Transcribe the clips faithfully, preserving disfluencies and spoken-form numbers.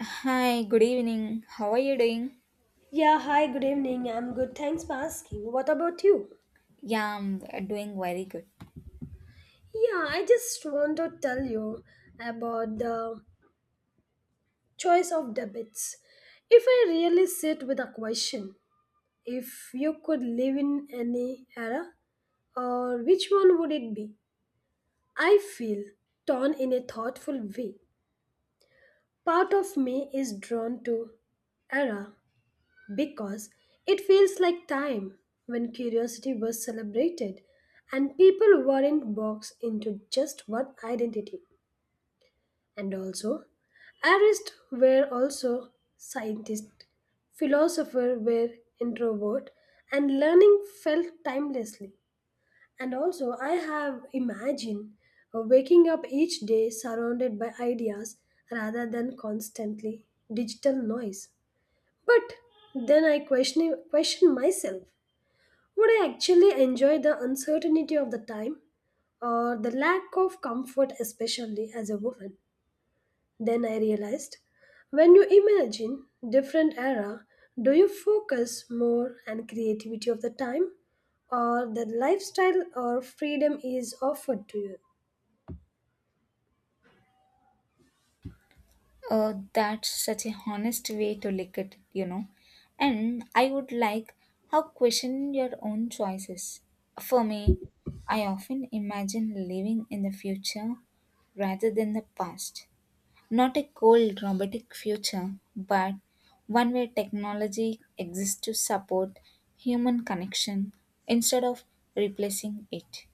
Hi, good evening. How are you doing? Yeah, hi, good evening. I'm good. Thanks for asking. What about you? Yeah, I'm doing very good. Yeah, I just want to tell you about the choice of debits. If I really sit with a question, if you could live in any era, or which one would it be? I feel torn in a thoughtful way. Part of me is drawn to era because it feels like time when curiosity was celebrated and people weren't boxed into just one identity. And also, artists were also scientists, philosophers were introvert, and learning felt timelessly. And also, I have imagined uh, waking up each day surrounded by ideas rather than constantly digital noise. But then I question, question myself, would I actually enjoy the uncertainty of the time or the lack of comfort, especially as a woman? Then I realized when you imagine different era, do you focus more on creativity of the time or the lifestyle or freedom is offered to you? Oh, that's such a honest way to look at it, you know. And I would like how question your own choices. For me, I often imagine living in the future rather than the past. Not a cold, robotic future, but one where technology exists to support human connection instead of replacing it.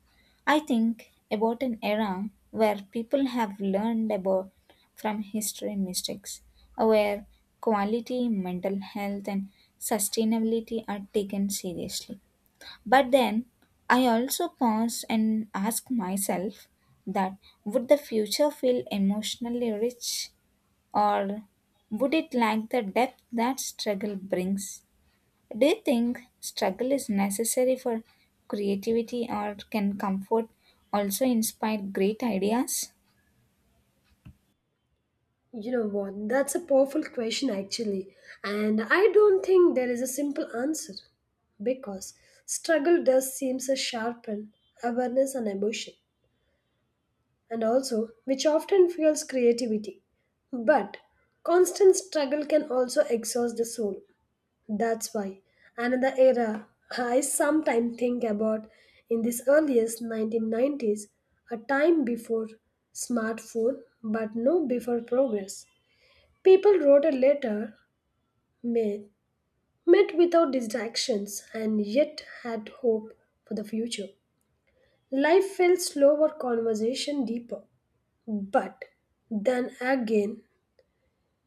I think about an era where people have learned about from history mistakes, where quality, mental health, and sustainability are taken seriously. But then I also pause and ask myself that would the future feel emotionally rich or would it lack the depth that struggle brings? Do you think struggle is necessary for creativity, or can comfort also inspire great ideas? You know what? That's a powerful question, actually. And I don't think there is a simple answer because struggle does seem to sharpen awareness and emotion, and also which often fuels creativity. But constant struggle can also exhaust the soul. That's why another era I sometimes think about in this earliest nineteen nineties, a time before smartphone but no before progress. People wrote a letter, met, met without distractions, and yet had hope for the future. Life felt slower, conversation deeper. But then again,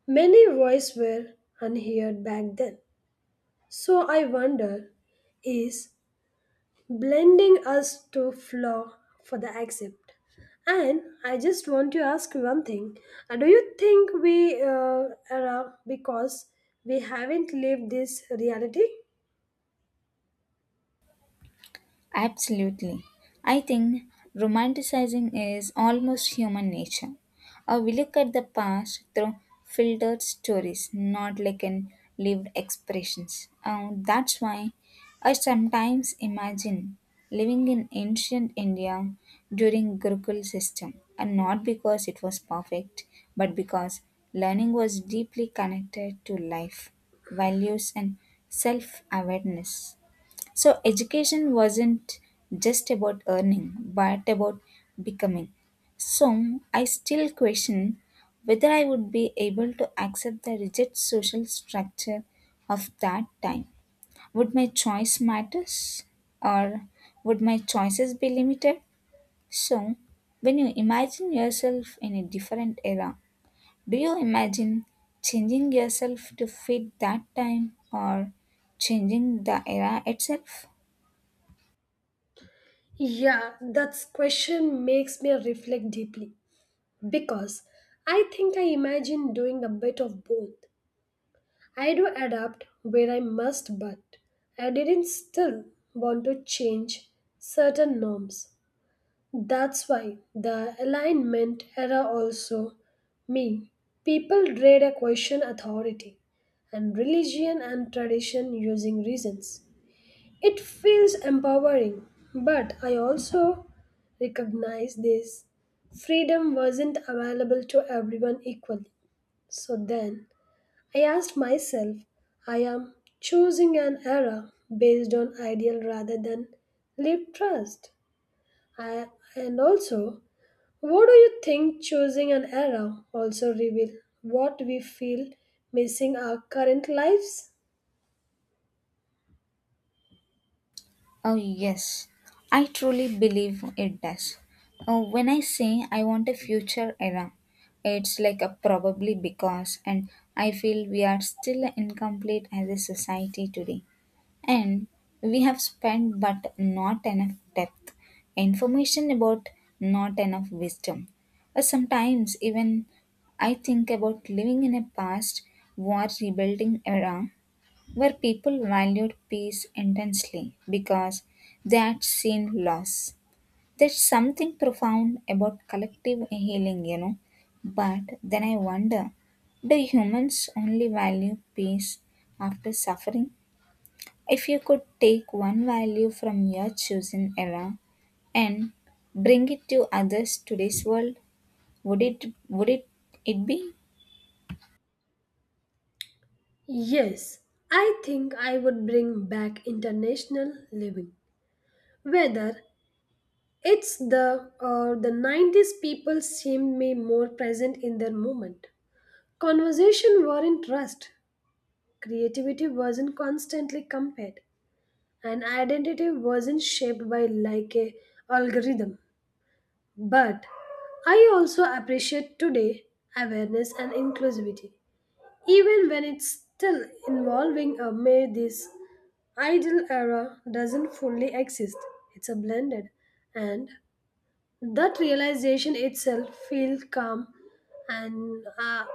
many voices were unheard back then. So I wonder is blending us to flow for the accept. And I just want to ask you one thing. Uh, Do you think we uh, are uh, because we haven't lived this reality? Absolutely. I think romanticizing is almost human nature. Or we look at the past through filtered stories, not like in lived expressions. And that's why I sometimes imagine living in ancient India during Gurukul system, and not because it was perfect, but because learning was deeply connected to life, values, and self-awareness. So, education wasn't just about earning, but about becoming. So, I still question whether I would be able to accept the rigid social structure of that time. Would my choice matters or would my choices be limited? So, when you imagine yourself in a different era, do you imagine changing yourself to fit that time or changing the era itself? Yeah, that question makes me reflect deeply because I think I imagine doing a bit of both. I do adapt where I must, but I didn't still want to change certain norms. That's why the alignment era also me. People dread a question authority and religion and tradition using reasons. It feels empowering, but I also recognize this freedom wasn't available to everyone equally. So then I asked myself, I am choosing an era based on ideal rather than lived trust. I, and also, what do you think choosing an era also reveal what we feel missing our current lives? Oh, yes, I truly believe it does. Uh, when I say I want a future era, it's like a probably because, and I feel we are still incomplete as a society today. And we have spent but not enough depth, information about not enough wisdom. Uh, sometimes, even I think about living in a past war rebuilding era where people valued peace intensely because they had seen loss. There's something profound about collective healing, you know. But then I wonder do humans only value peace after suffering? If you could take one value from your chosen era and bring it to others today's world, would it would it, it be? Yes, I think I would bring back international living. Whether it's the or the nineties people seemed me more present in their moment. Conversation weren't rushed, creativity wasn't constantly compared, and identity wasn't shaped by like a algorithm. But I also appreciate today awareness and inclusivity, even when it's still involving a may this ideal era doesn't fully exist. It's a blended, and that realization itself feels calm. And uh,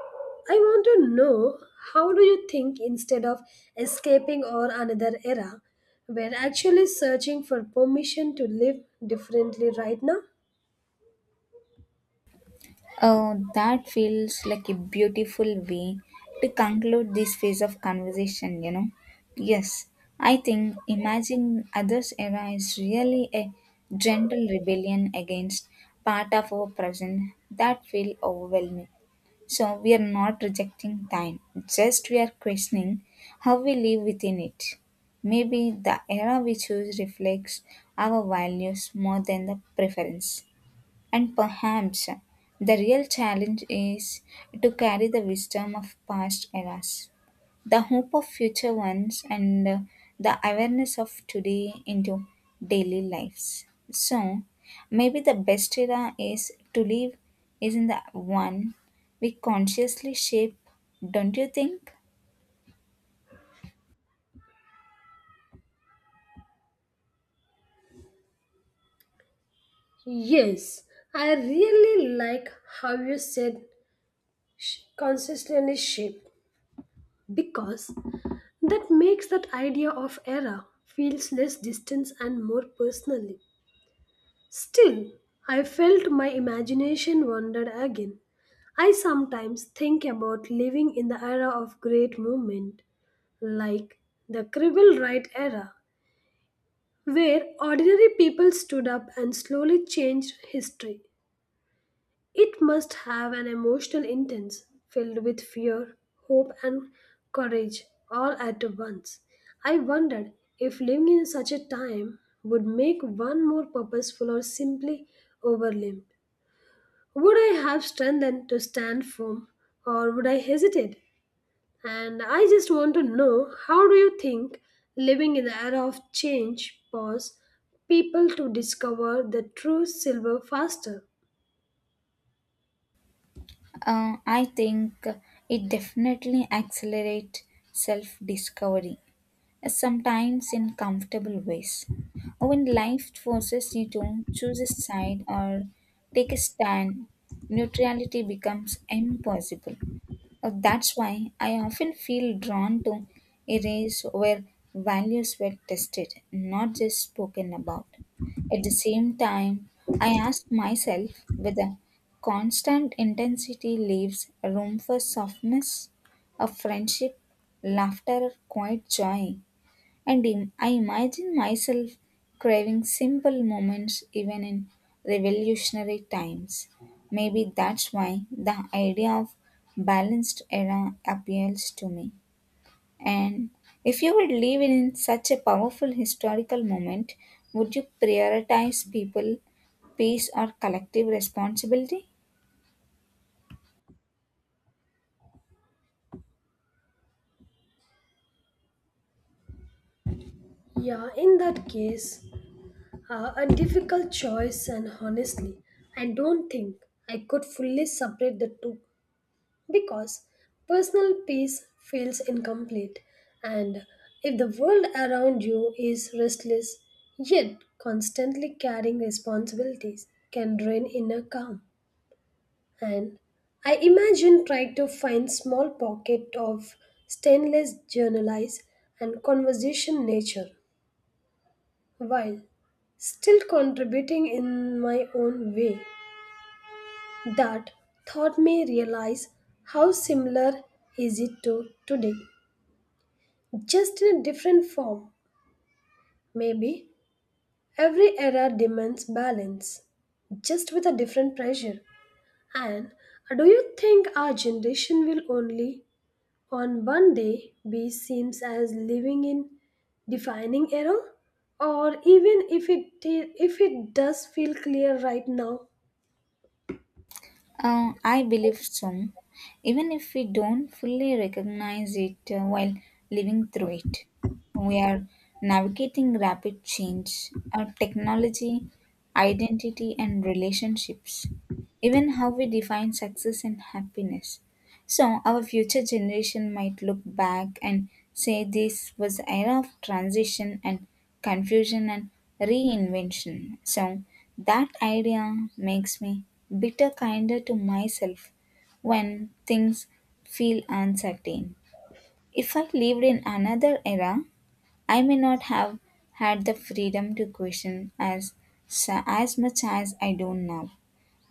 I want to know how do you think instead of escaping or another era, we're actually searching for permission to live differently right now? Oh, that feels like a beautiful way to conclude this phase of conversation, you know. Yes, I think imagining others' era is really a gentle rebellion against part of our present that feel overwhelming. So we are not rejecting time, just we are questioning how we live within it. Maybe the era we choose reflects our values more than the preference. And perhaps the real challenge is to carry the wisdom of past eras, the hope of future ones, and uh, the awareness of today into daily lives. So, maybe the best era is to live is in the one we consciously shape, don't you think? Yes, I really like how you said sh- consistently shape because that makes that idea of error feels less distant and more personally. Still, I felt my imagination wandered again. I sometimes think about living in the era of great movement, like the Civil Right era, where ordinary people stood up and slowly changed history. It must have an emotional intense filled with fear, hope, and courage all at once. I wondered if living in such a time would make one more purposeful or simply overwhelmed. Would I have strength then to stand firm or would I hesitate? And I just want to know how do you think living in the era of change pause people to discover the true silver faster? Uh, I think it definitely accelerates self discovery. Sometimes in comfortable ways. When life forces you to choose a side or take a stand, neutrality becomes impossible. Uh, That's why I often feel drawn to areas where values were tested, not just spoken about. At the same time, I ask myself whether constant intensity leaves room for softness, a friendship, laughter, or quiet joy. And in, I imagine myself craving simple moments even in revolutionary times. Maybe that's why the idea of balanced era appeals to me. And if you would live in such a powerful historical moment, would you prioritize people, peace, or collective responsibility? Yeah, in that case, Uh, a difficult choice, and honestly, I don't think I could fully separate the two because personal peace feels incomplete. And if the world around you is restless, yet constantly carrying responsibilities, can drain inner calm. And I imagine trying to find small pocket of stainless journalize and conversation nature while still contributing in my own way. That thought me realize how similar is it to today, just in a different form. Maybe every era demands balance, just with a different pressure. And do you think our generation will only on one day be seems as living in defining era? Or even if it if it does feel clear right now, Uh, I believe so, even if we don't fully recognize it uh, while living through it. We are navigating rapid change, our technology, identity, and relationships, even how we define success and happiness. So our future generation might look back and say this was an era of transition and confusion and reinvention. So that idea makes me bitter kinder to myself when things feel uncertain. If I lived in another era, I may not have had the freedom to question as as much as I do now.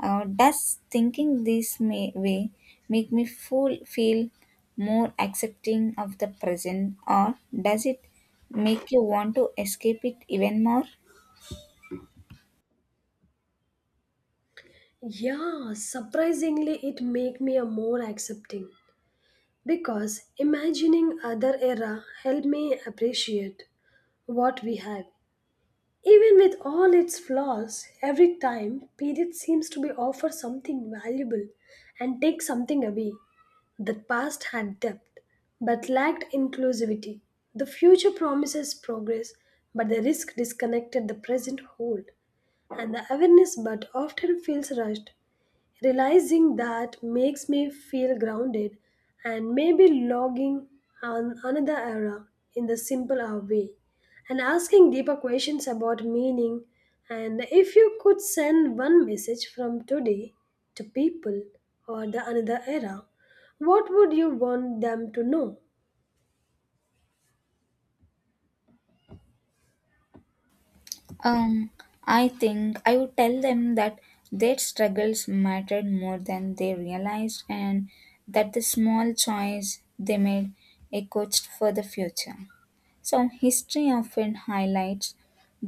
Uh, does thinking this may, way make me full, feel more accepting of the present, or does it make you want to escape it even more? yeah, surprisingly, it make me a more accepting because imagining other era helped me appreciate what we have. Even with all its flaws, every time period seems to be offer something valuable and take something away. The past had depth but lacked inclusivity. The future promises progress, but the risk disconnected the present hold, and the awareness but often feels rushed. Realizing that makes me feel grounded and maybe logging on another era in the simpler way and asking deeper questions about meaning. And if you could send one message from today to people or the another era, what would you want them to know? Um, I think I would tell them that their struggles mattered more than they realized, and that the small choice they made echoed for the future. So, history often highlights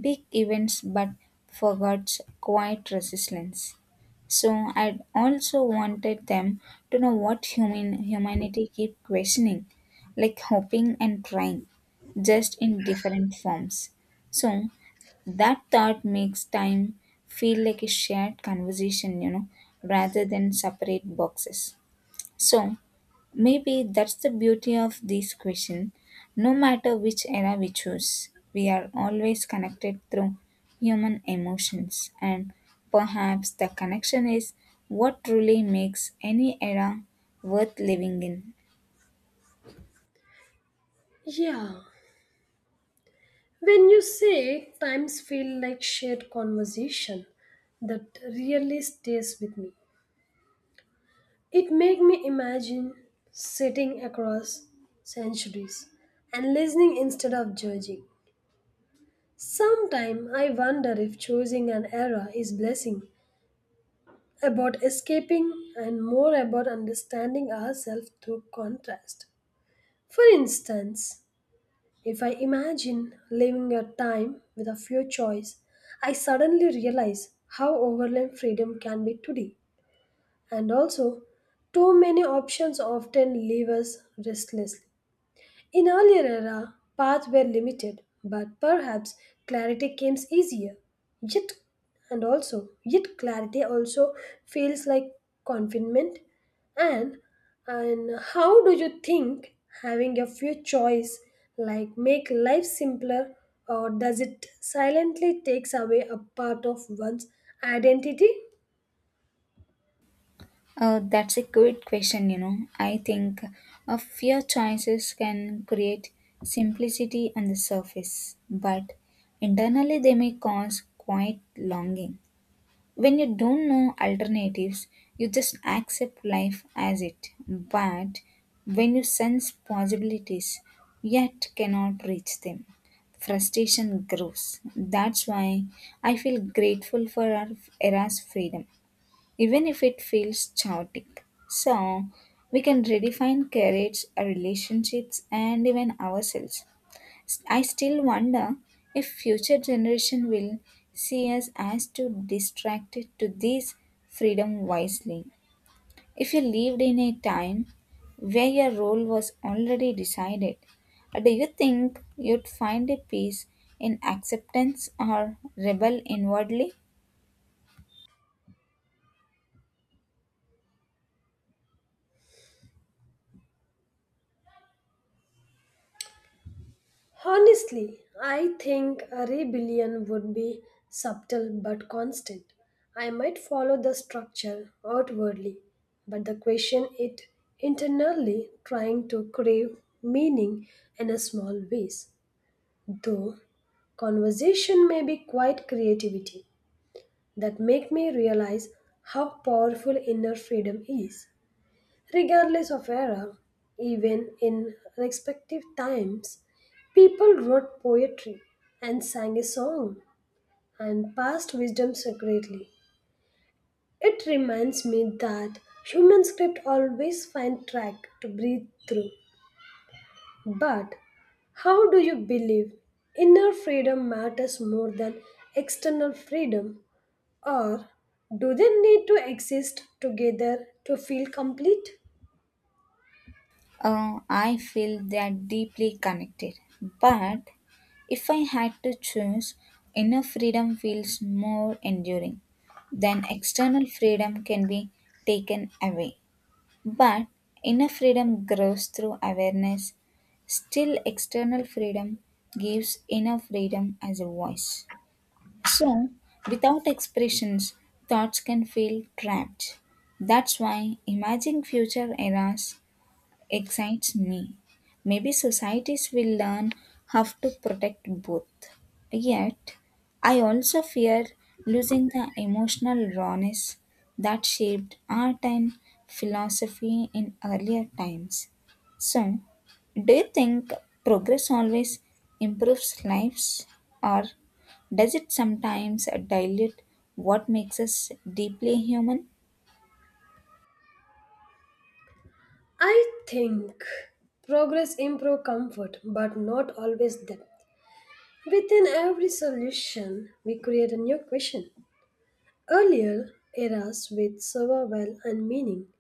big events but forgets quiet resistance. So I also wanted them to know what human humanity keep questioning, like hoping and trying, just in different forms. So that thought makes time feel like a shared conversation, you know, rather than separate boxes. So maybe that's the beauty of this question. No matter which era we choose, we are always connected through human emotions, and perhaps the connection is what truly makes any era worth living in. Yeah. When you say times feel like shared conversation, that really stays with me. It made me imagine sitting across centuries and listening instead of judging. Sometimes I wonder if choosing an era is blessing about escaping and more about understanding ourselves through contrast. For instance, if I imagine living a time with a few choices, I suddenly realize how overwhelmed freedom can be today. And also, too many options often leave us restless. In earlier era, paths were limited, but perhaps clarity came easier. Yet, and also, yet clarity also feels like confinement. And and how do you think having a few choice like make life simpler, or does it silently takes away a part of one's identity? Oh, that's a good question, you know. I think a few choices can create simplicity on the surface, but internally they may cause quite longing. When you don't know alternatives, you just accept life as it. But when you sense possibilities, yet cannot reach them, frustration grows. That's why I feel grateful for our era's freedom, even if it feels chaotic. So we can redefine careers, our relationships, and even ourselves. I still wonder if future generation will see us as too distracted to this freedom wisely. If you lived in a time where your role was already decided, do you think you'd find a peace in acceptance or rebel inwardly? Honestly, I think a rebellion would be subtle but constant. I might follow the structure outwardly, but the question it internally trying to crave meaning in a small ways. Though conversation may be quite creativity that make me realize how powerful inner freedom is. Regardless of era, even in respective times, people wrote poetry and sang a song and passed wisdom secretly. It reminds me that human script always find track to breathe through. But how do you believe inner freedom matters more than external freedom or do they need to exist together to feel complete? Uh, I feel they are deeply connected. But if I had to choose, inner freedom feels more enduring. Then external freedom can be taken away. But inner freedom grows through awareness. Still, external freedom gives inner freedom as a voice. So, without expressions, thoughts can feel trapped. That's why imagining future eras excites me. Maybe societies will learn how to protect both. Yet, I also fear losing the emotional rawness that shaped art and philosophy in earlier times. So, do you think progress always improves lives, or does it sometimes dilute what makes us deeply human? I think progress improves comfort, but not always depth. Within every solution, we create a new question. Earlier, eras with survival and meaning.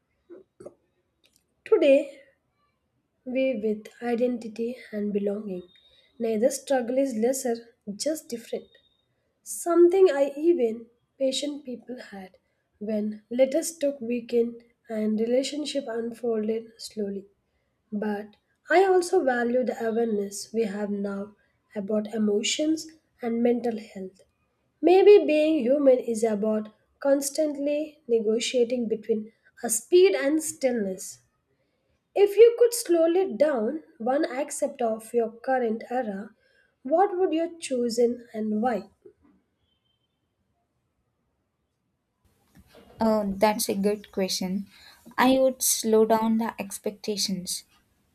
Today, we with identity and belonging. Neither struggle is lesser, just different. Something I even patient people had when letters took weekend and relationship unfolded slowly. But I also value the awareness we have now about emotions and mental health. Maybe being human is about constantly negotiating between a speed and stillness. If you could slow it down one aspect of your current era, what would you choose in and why? Oh, that's a good question. I would slow down the expectations.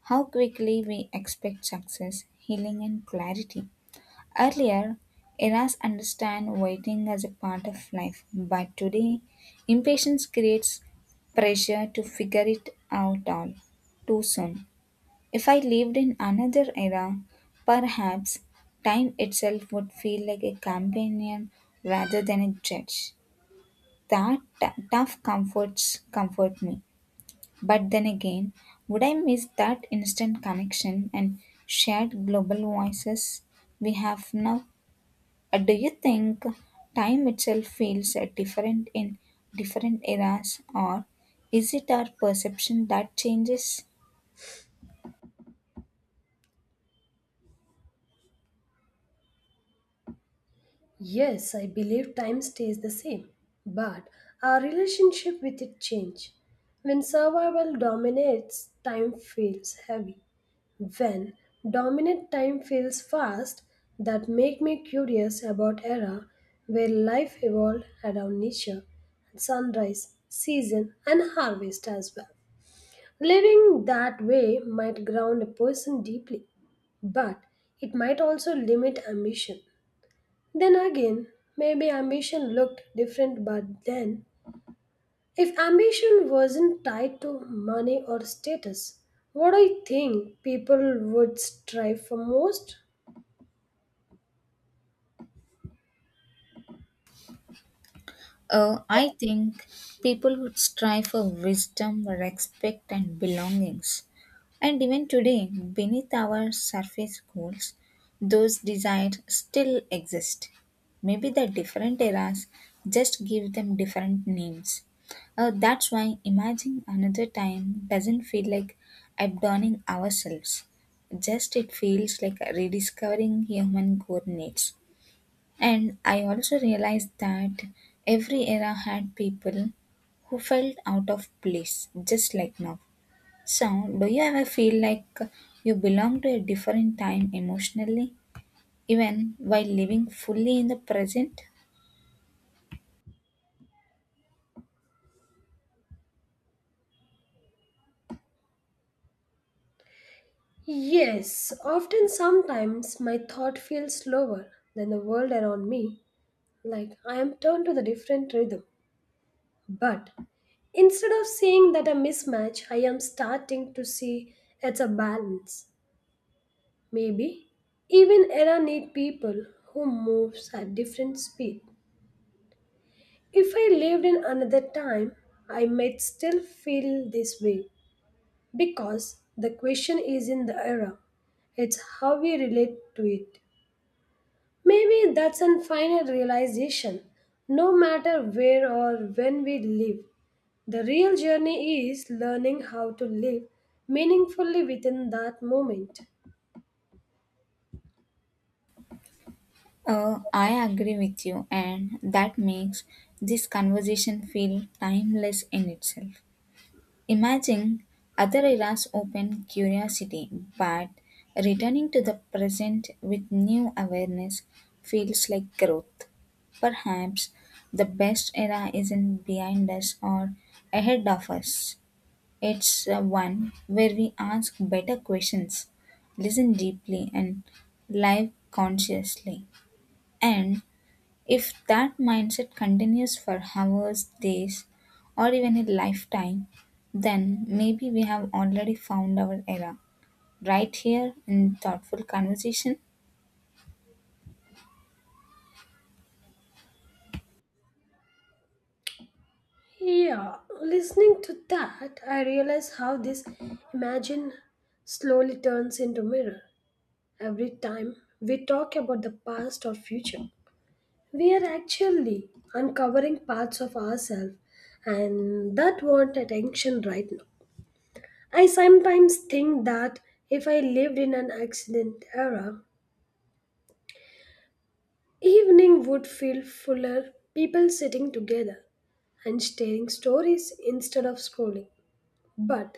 How quickly we expect success, healing, and clarity. Earlier, eras understand waiting as a part of life, but today, impatience creates pressure to figure it out all too soon. If I lived in another era, perhaps time itself would feel like a companion rather than a judge. That t- tough comforts comfort me. But then again, would I miss that instant connection and shared global voices we have now? Uh, Do you think time itself feels uh, different in different eras, or is it our perception that changes? Yes, I believe time stays the same, but our relationship with it change. When survival dominates, time feels heavy. When dominant time feels fast, that make me curious about era where life evolved around nature and sunrise, season and harvest as well. Living that way might ground a person deeply, but it might also limit ambition. Then again, maybe ambition looked different but then. If ambition wasn't tied to money or status, what do you think people would strive for most? Uh, I think people would strive for wisdom, respect, and belongings. And even today, beneath our surface goals, those desires still exist. Maybe the different eras just give them different names. Uh, that's why imagining another time doesn't feel like abandoning ourselves. Just it feels like rediscovering human core needs. And I also realized that every era had people who felt out of place, just like now. So, do you ever feel like you belong to a different time emotionally, even while living fully in the present? Yes, often sometimes my thought feels slower than the world around me, like I am turned to the different rhythm. But instead of seeing that a mismatch, I am starting to see it's a balance. Maybe even era need people who moves at different speed. If I lived in another time, I might still feel this way because the question is in the era. It's how we relate to it. Maybe that's a final realization. No matter where or when we live, the real journey is learning how to live meaningfully within that moment. Uh, I agree with you, and that makes this conversation feel timeless in itself. Imagine other eras open curiosity, but returning to the present with new awareness feels like growth. Perhaps the best era isn't behind us or ahead of us. It's uh, one where we ask better questions, listen deeply, and live consciously. And if that mindset continues for hours, days, or even a lifetime, then maybe we have already found our era right here in thoughtful conversation. Yeah, listening to that, I realize how this imagine slowly turns into mirror. Every time we talk about the past or future, we are actually uncovering parts of ourselves and that want attention right now. I sometimes think that if I lived in an accident era, evening would feel fuller, people sitting together and sharing stories instead of scrolling. But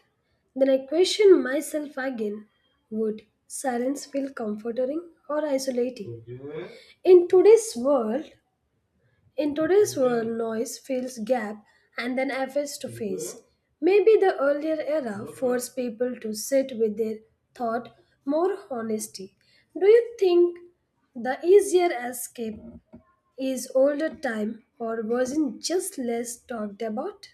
then I question myself again, would silence feel comforting or isolating? In today's world, in today's world, noise fills gap and then efforts to face. Maybe the earlier era forced people to sit with their thought more honesty. Do you think the easier escape is older time or wasn't just less talked about?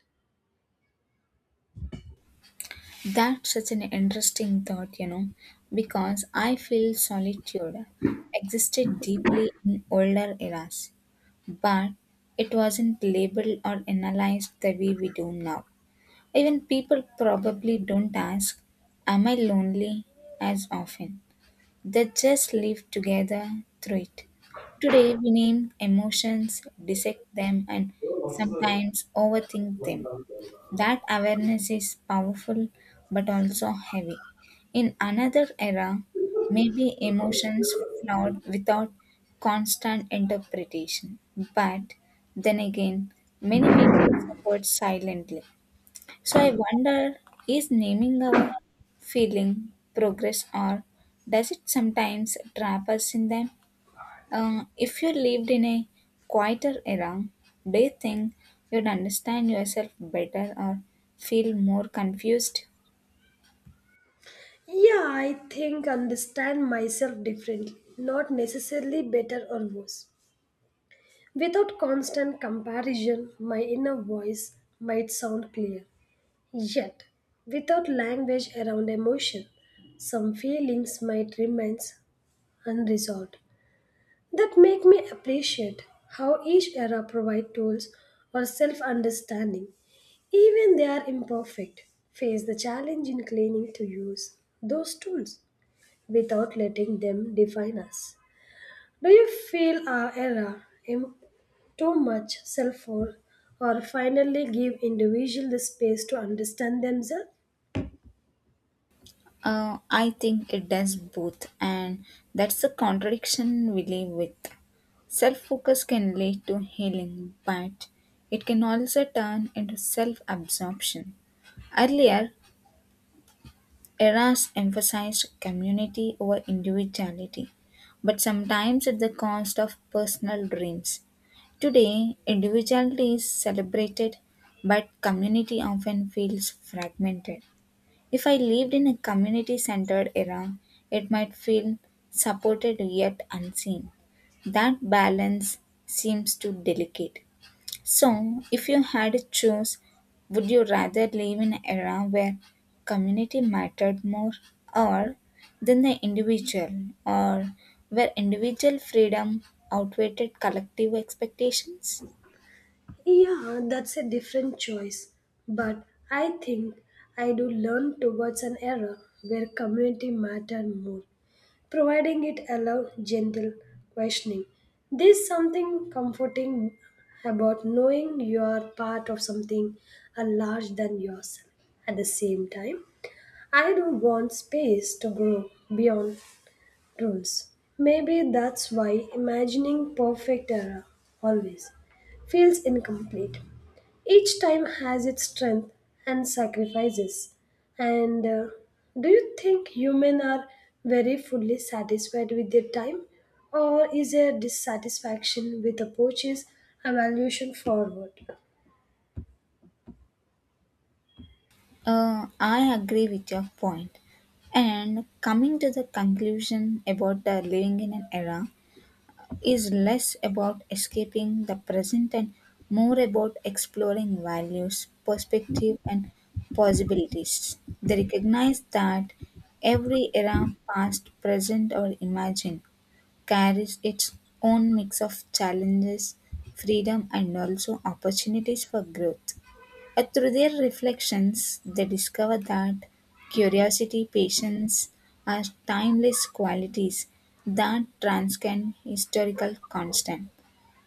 That's such an interesting thought, you know, because I feel solitude existed deeply in older eras, but it wasn't labeled or analyzed the way we do now. Even people probably don't ask, am I lonely? As often. They just live together through it. Today, we name emotions, dissect them, and sometimes overthink them. That awareness is powerful but also heavy. In another era, maybe emotions flowed without constant interpretation. But then again, many people suffered silently. So I wonder is naming our feeling progress or does it sometimes trap us in them? Uh, if you lived in a quieter era, do you think you'd understand yourself better or feel more confused? Yeah, I think understand myself differently, not necessarily better or worse. Without constant comparison, my inner voice might sound clear. Yet, without language around emotion, some feelings might remain unresolved. That make me appreciate how each era provide tools for self-understanding. Even they are imperfect, face the challenge in claiming to use those tools without letting them define us. Do you feel our era em- too much self for or finally give individual the space to understand themselves? Uh, I think it does both, and that's the contradiction we live with. Self focus can lead to healing, but it can also turn into self absorption. Earlier, eras emphasized community over individuality, but sometimes at the cost of personal dreams. Today, individuality is celebrated, but community often feels fragmented. If I lived in a community centered era, it might feel supported yet unseen. That balance seems too delicate. So, if you had to choose, would you rather live in an era where community mattered more or than the individual, or where individual freedom outweighed collective expectations? Yeah, that's a different choice. But I think I do learn towards an era where community matter more, providing it allows gentle questioning. There's something comforting about knowing you are part of something uh, larger than yourself. At the same time, I don't want space to grow beyond rules. Maybe that's why imagining perfect era always feels incomplete. Each time has its strength and sacrifices. And uh, do you think humans are very fully satisfied with their time? Or is there dissatisfaction with approaches evaluation forward? Uh, I agree with your point. And coming to the conclusion about the living in an era is less about escaping the present and more about exploring values, perspective, and possibilities. They recognize that every era, past, present, or imagined, carries its own mix of challenges, freedom, and also opportunities for growth. Uh, Through their reflections, they discover that curiosity, patience are timeless qualities that transcend historical constant.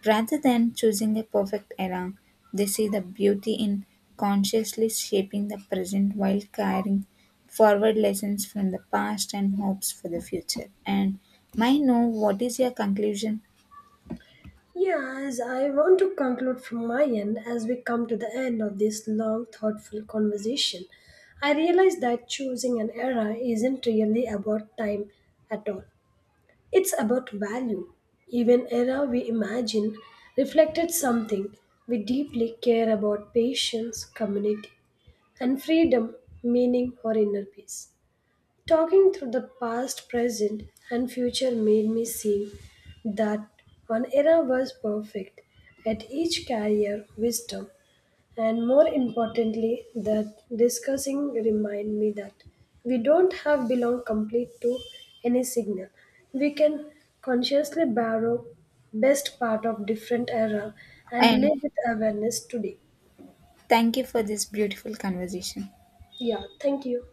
Rather than choosing a perfect era, they see the beauty in consciously shaping the present while carrying forward lessons from the past and hopes for the future. And may I know what is your conclusion? Yes, I want to conclude from my end as we come to the end of this long, thoughtful conversation. I realize that choosing an era isn't really about time at all. It's about value. Even error we imagine reflected something we deeply care about patience, community, and freedom, meaning, or inner peace. Talking through the past, present, and future made me see that one era was perfect, at each carrier wisdom, and more importantly, that discussing remind me that we don't have belong complete to any signal. We can consciously borrow best part of different era and And live with awareness today. thank you for this beautiful conversation. Yeah, thank you.